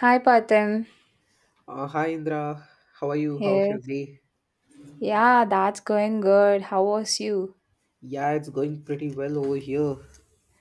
Hi, Patim. Hi Indra, how are you? How's your Here. day? Yeah, that's going good. How was you? Yeah, it's going pretty well over here.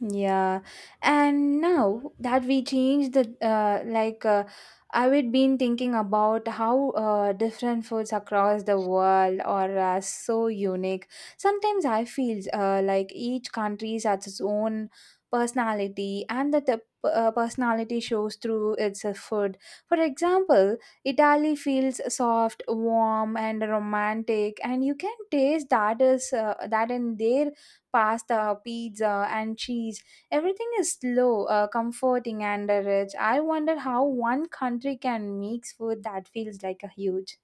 Yeah, and now that we change I would been thinking about how different foods across the world are so unique. Sometimes I feel like each country has its own personality, and that the personality shows through its food. For example, Italy feels soft, warm, and romantic, and you can taste that in their pasta, pizza, and cheese. Everything is slow, comforting, and rich. I wonder how one country can make food that feels like a huge.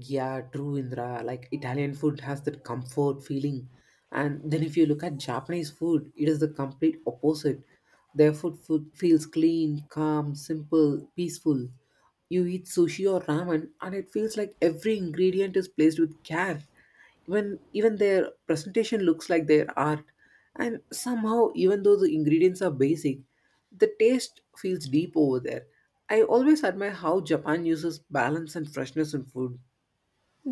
Yeah, true, Indra. Like Italian food has that comfort feeling. And then if you look at Japanese food, it is the complete opposite. Their food feels clean, calm, simple, peaceful. You eat sushi or ramen and it feels like every ingredient is placed with care. Even their presentation looks like their art. And somehow, even though the ingredients are basic, the taste feels deep over there. I always admire how Japan uses balance and freshness in food.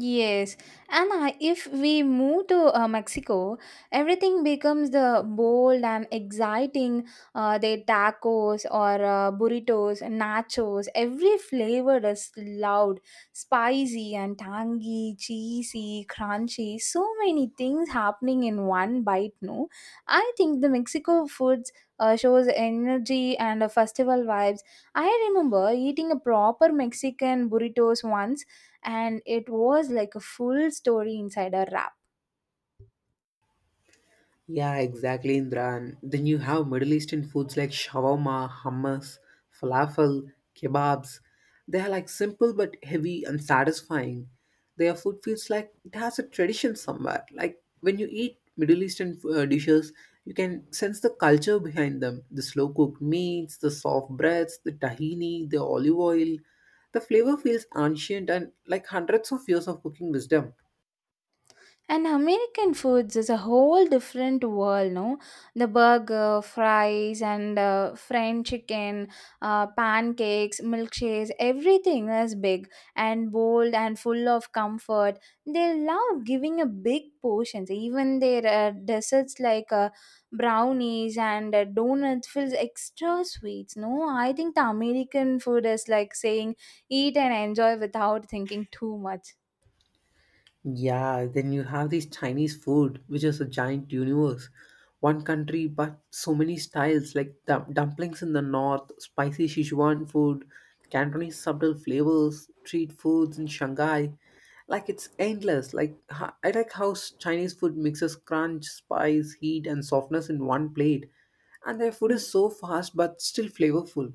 Yes, and if we move to Mexico, everything becomes the bold and exciting. The tacos or burritos, nachos, every flavor is loud, spicy and tangy, cheesy, crunchy. So many things happening in one bite. No, I think the Mexico foods shows energy and festival vibes. I remember eating a proper Mexican burritos once, and it was like a full story inside a wrap. Yeah, exactly, Indra. And then you have Middle Eastern foods like shawarma, hummus, falafel, kebabs. They are like simple but heavy and satisfying. Their food feels like it has a tradition somewhere. Like when you eat Middle Eastern dishes, you can sense the culture behind them. The slow cooked meats, the soft breads, the tahini, the olive oil. The flavor feels ancient and like hundreds of years of cooking wisdom. And American foods is a whole different world, no? The burger, fries, and French chicken, pancakes, milkshakes, everything is big and bold and full of comfort. They love giving a big portions. Even their desserts like brownies and donuts feels extra sweets, no? I think the American food is like saying eat and enjoy without thinking too much. Yeah, then you have this Chinese food, which is a giant universe. One country, but so many styles like dumplings in the north, spicy Sichuan food, Cantonese subtle flavors, street foods in Shanghai. Like it's endless. Like I like how Chinese food mixes crunch, spice, heat, and softness in one plate. And their food is so fast but still flavorful.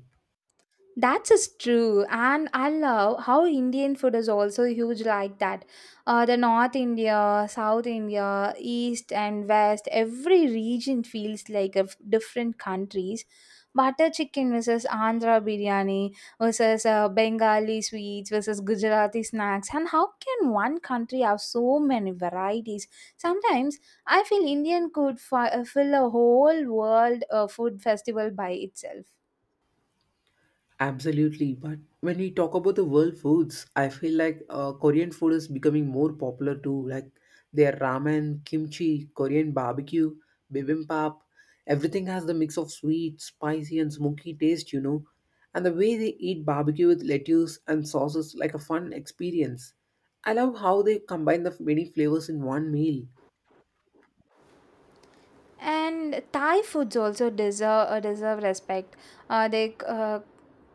That's just true, and I love how Indian food is also huge like that. The North India, South India, East and West, every region feels like a different countries. Butter chicken versus Andhra biryani versus Bengali sweets versus Gujarati snacks, and how can one country have so many varieties? Sometimes I feel Indian could fill a whole world food festival by itself. Absolutely, but when we talk about the world foods, I feel like Korean food is becoming more popular too. Like their ramen, kimchi, Korean barbecue, bibimbap, everything has the mix of sweet, spicy, and smoky taste, you know. And the way they eat barbecue with lettuce and sauces like a fun experience. I love how they combine the many flavors in one meal. And Thai foods also deserve respect. They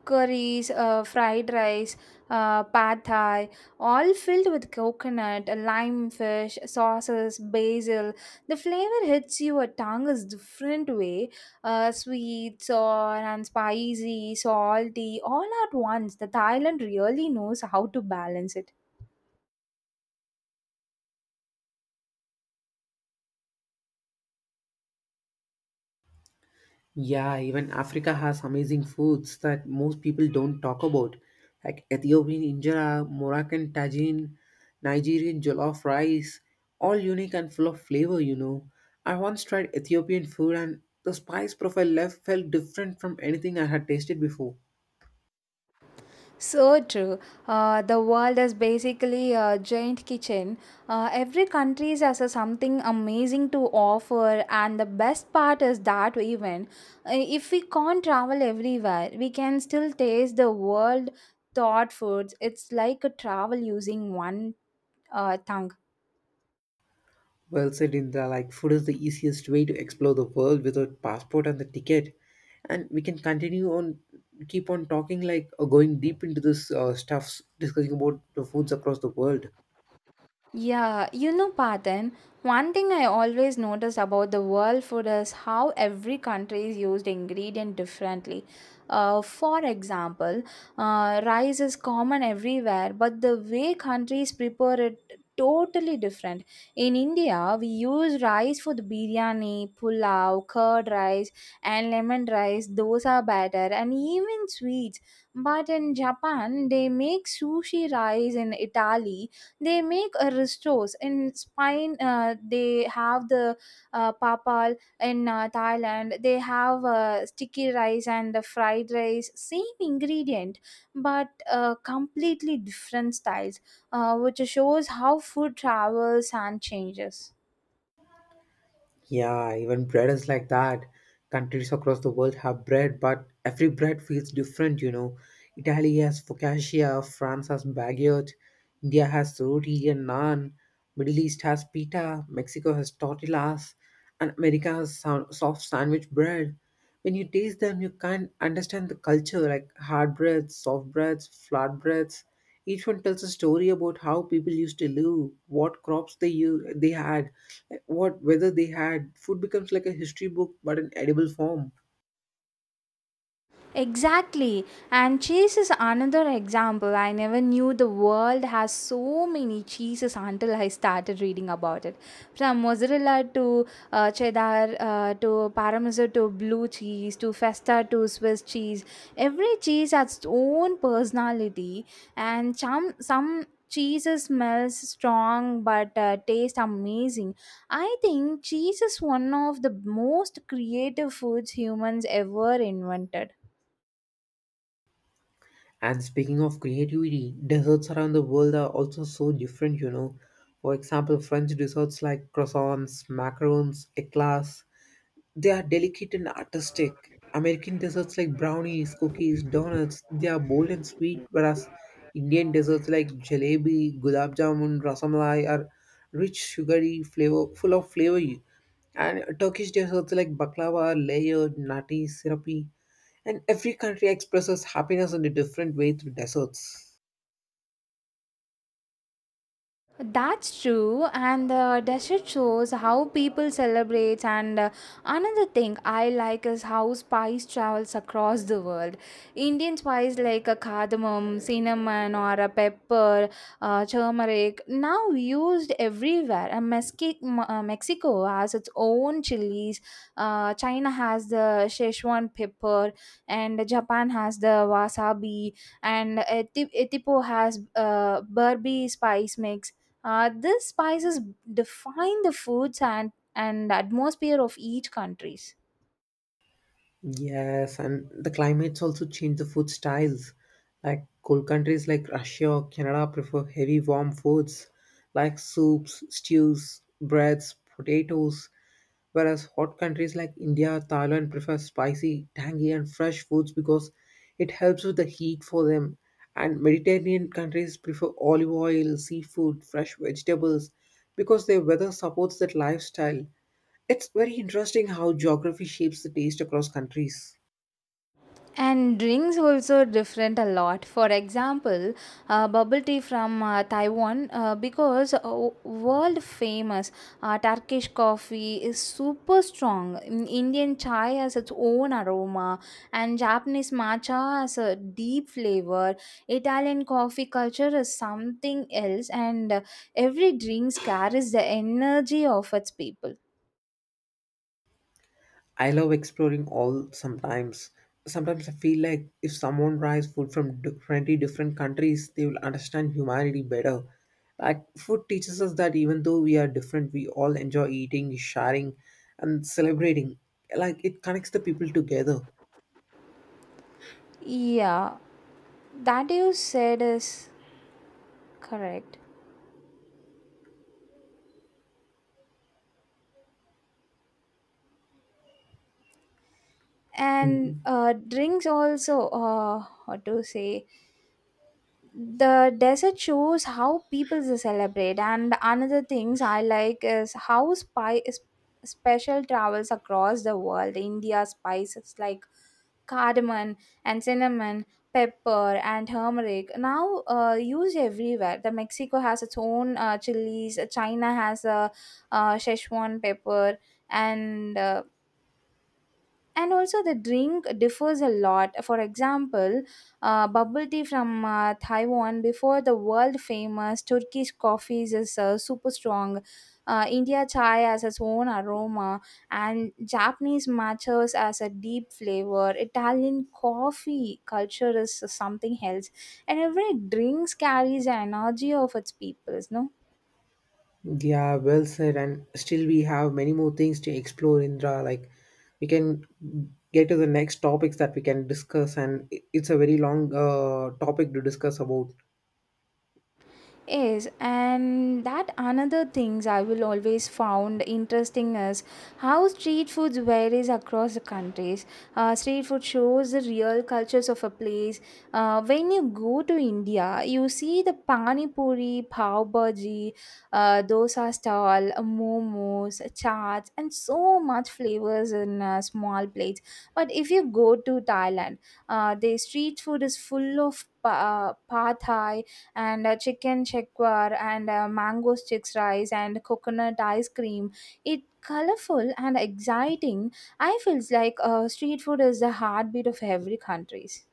curries, fried rice, pad thai, all filled with coconut, lime fish, sauces, basil. The flavor hits your a tongue is different way. Sweet, sour, and spicy, salty, all at once. The Thailand really knows how to balance it. Yeah, even Africa has amazing foods that most people don't talk about, like Ethiopian injera, Moroccan tagine, Nigerian jollof rice, all unique and full of flavor, you know. I once tried Ethiopian food and the spice profile left felt different from anything I had tasted before. So true. The world is basically a giant kitchen. Every country has a something amazing to offer, and the best part is that even if we can't travel everywhere, we can still taste the world thought foods. It's like a travel using one tongue. Well said in the like food is the easiest way to explore the world without passport and the ticket. And we can continue on keep on talking like going deep into this stuffs discussing about the foods across the world. Yeah, you know, Patan, one thing I always notice about the world food is how every country is used ingredient differently. For example, rice is common everywhere, but the way countries prepare it totally different. In India, we use rice for the biryani, pulao, curd rice, and lemon rice, dosa batter, and even sweets. But in Japan, they make sushi rice. In Italy, they make a restos. In Spain, they have the papal. In Thailand, they have sticky rice and the fried rice, same ingredient but completely different styles, which shows how food travels and changes. Yeah, even bread is like that. Countries across the world have bread, but every bread feels different, you know. Italy has focaccia, France has baguette, India has roti and naan, Middle East has pita, Mexico has tortillas, and America has soft sandwich bread. When you taste them, you can't understand the culture, like hard breads, soft breads, flat breads. Each one tells a story about how people used to live, what crops they had, what weather they had. Food becomes like a history book but in edible form. Exactly. And cheese is another example. I never knew the world has so many cheeses until I started reading about it. From mozzarella to cheddar to parmesan to blue cheese to feta to Swiss cheese. Every cheese has its own personality, and some cheeses smells strong but taste amazing. I think cheese is one of the most creative foods humans ever invented. And speaking of creativity, desserts around the world are also so different, you know. For example, French desserts like croissants, macarons, eclairs, they are delicate and artistic. American desserts like brownies, cookies, donuts, they are bold and sweet, whereas Indian desserts like jalebi, gulab jamun, rasamalai are rich, sugary, flavor, full of flavor. And Turkish desserts like baklava are layered, nutty, syrupy. And every country expresses happiness in a different way through desserts. That's true, and the desert shows how people celebrate. And another thing I like is how spice travels across the world. Indian spice like a cardamom, cinnamon, or a pepper, turmeric, now used everywhere. And Mexico has its own chilies. China has the Szechuan pepper, and Japan has the wasabi, and Etipo has Burby spice mix, these spices define the foods and atmosphere of each countries. Yes, and the climates also change the food styles. Like cold countries like Russia or Canada prefer heavy warm foods like soups, stews, breads, potatoes, whereas hot countries like India, Thailand prefer spicy, tangy and fresh foods because it helps with the heat for them. And Mediterranean countries prefer olive oil, seafood, fresh vegetables because their weather supports that lifestyle. It's very interesting how geography shapes the taste across countries. And drinks also different a lot. For example, bubble tea from Taiwan because world famous Turkish coffee is super strong. Indian chai has its own aroma, and Japanese matcha has a deep flavor. Italian coffee culture is something else, and every drinks carries the energy of its people. I love exploring all sometimes. Sometimes I feel like if someone tries food from 20 different countries, they will understand humanity better. Like, food teaches us that even though we are different, we all enjoy eating, sharing, and celebrating. Like, it connects the people together. Yeah, that you said is correct. And Mm. Drinks also what to say, the desert shows how people they celebrate. And another things I like is how spy is special travels across the world. India spices like cardamom and cinnamon, pepper and turmeric, now used everywhere. The Mexico has its own chilies. China has a Szechuan pepper. And uh, and also the drink differs a lot. For example, bubble tea from Taiwan, before the world famous Turkish coffees is super strong. India chai has its own aroma, and Japanese matchas as a deep flavor. Italian coffee culture is something else, and every drinks carries an energy of its peoples, no? Yeah, well said. And still, we have many more things to explore, Indra. Like, we can get to the next topics that we can discuss, and it's a very long topic to discuss about. Yes, and that another things I will always found interesting is how street foods varies across the countries. Street food shows the real cultures of a place. When you go to India, you see the pani puri, pav bhaji, dosa stall, momos, chaats, and so much flavors in small plates. But if you go to Thailand, the street food is full of pad thai and chicken shekwar and mango sticks rice and coconut ice cream. It colorful and exciting. I feels like street food is the heartbeat of every countries.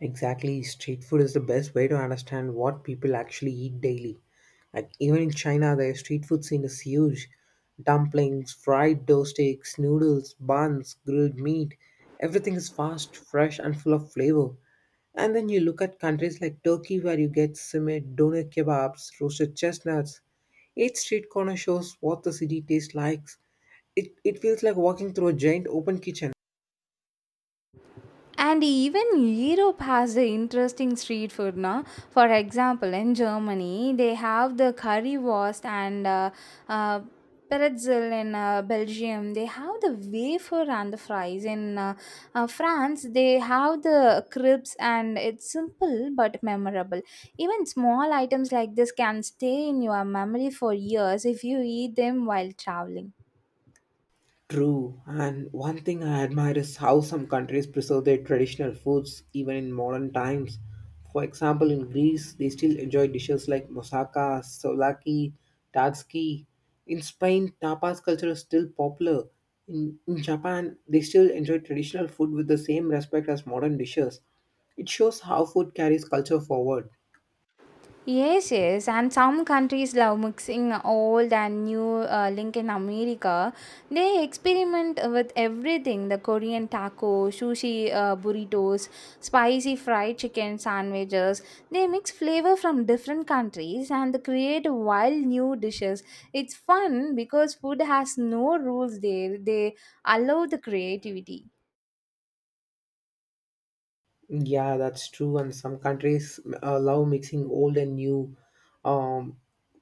Exactly, street food is the best way to understand what people actually eat daily. Like even in China, their street food scene is huge. Dumplings, fried dough sticks, noodles, buns, grilled meat, everything is fast, fresh, and full of flavor. And then you look at countries like Turkey, where you get simit, doner kebabs, roasted chestnuts. Each street corner shows what the city tastes like. It feels like walking through a giant open kitchen. And even Europe has the interesting street food, no? For example, in Germany, they have the currywurst and uh, pretzel. In Belgium, they have the wafer and the fries. In France, they have the crepes, and it's simple but memorable. Even small items like this can stay in your memory for years if you eat them while traveling. True, and one thing I admire is how some countries preserve their traditional foods even in modern times. For example, in Greece, they still enjoy dishes like moussaka, souvlaki, tatsuki. In Spain, tapas culture is still popular. In Japan, they still enjoy traditional food with the same respect as modern dishes. It shows how food carries culture forward. Yes, yes, and some countries love mixing old and new. Link in America, they experiment with everything: the Korean taco, sushi, burritos, spicy fried chicken sandwiches. They mix flavor from different countries and they create wild new dishes. It's fun because food has no rules there. They allow the creativity. Yeah, that's true. And some countries allow mixing old and new um,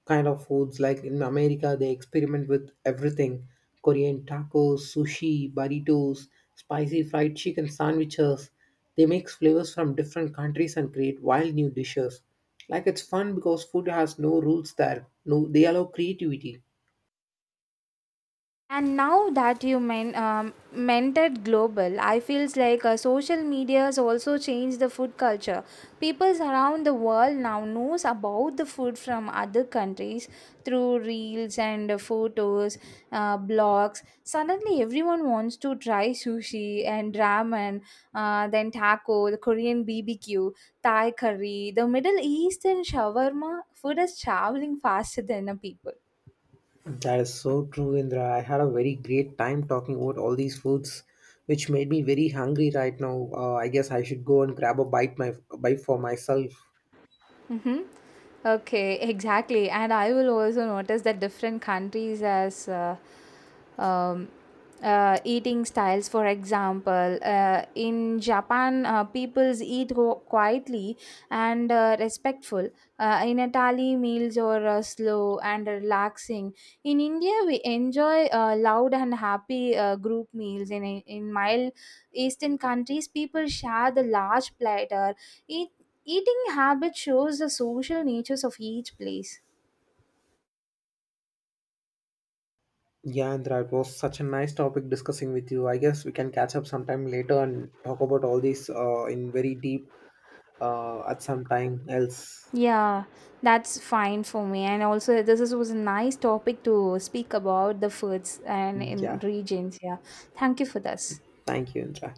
kind of foods. Like in America, they experiment with everything: Korean tacos, sushi, burritos, spicy fried chicken sandwiches. They mix flavors from different countries and create wild new dishes. Like it's fun because food has no rules there. No, they allow creativity. And now that you mentored global, I feels like social media has also changed the food culture. People around the world now knows about the food from other countries through reels and photos, blogs. Suddenly, everyone wants to try sushi and ramen, then taco, the Korean BBQ, Thai curry, the Middle Eastern shawarma. Food is traveling faster than the people. That is so true, Indra. I had a very great time talking about all these foods, which made me very hungry right now. I guess I should go and grab a bite my bite for myself. Mm-hmm. Okay, exactly. And I will also notice that different countries as um, eating styles. For example, in Japan, peoples eat quietly and respectful. In Italy, meals are slow and relaxing. In India, we enjoy loud and happy group meals. In mild Eastern countries, people share the large platter, each. Eating habit shows the social natures of each place. Yeah, Indra, it was such a nice topic discussing with you. I guess we can catch up sometime later and talk about all these in very deep at some time else. Yeah, that's fine for me. And also, this is, was a nice topic to speak about the foods and in Yeah, regions. Yeah, thank you for this. thank you, Indra.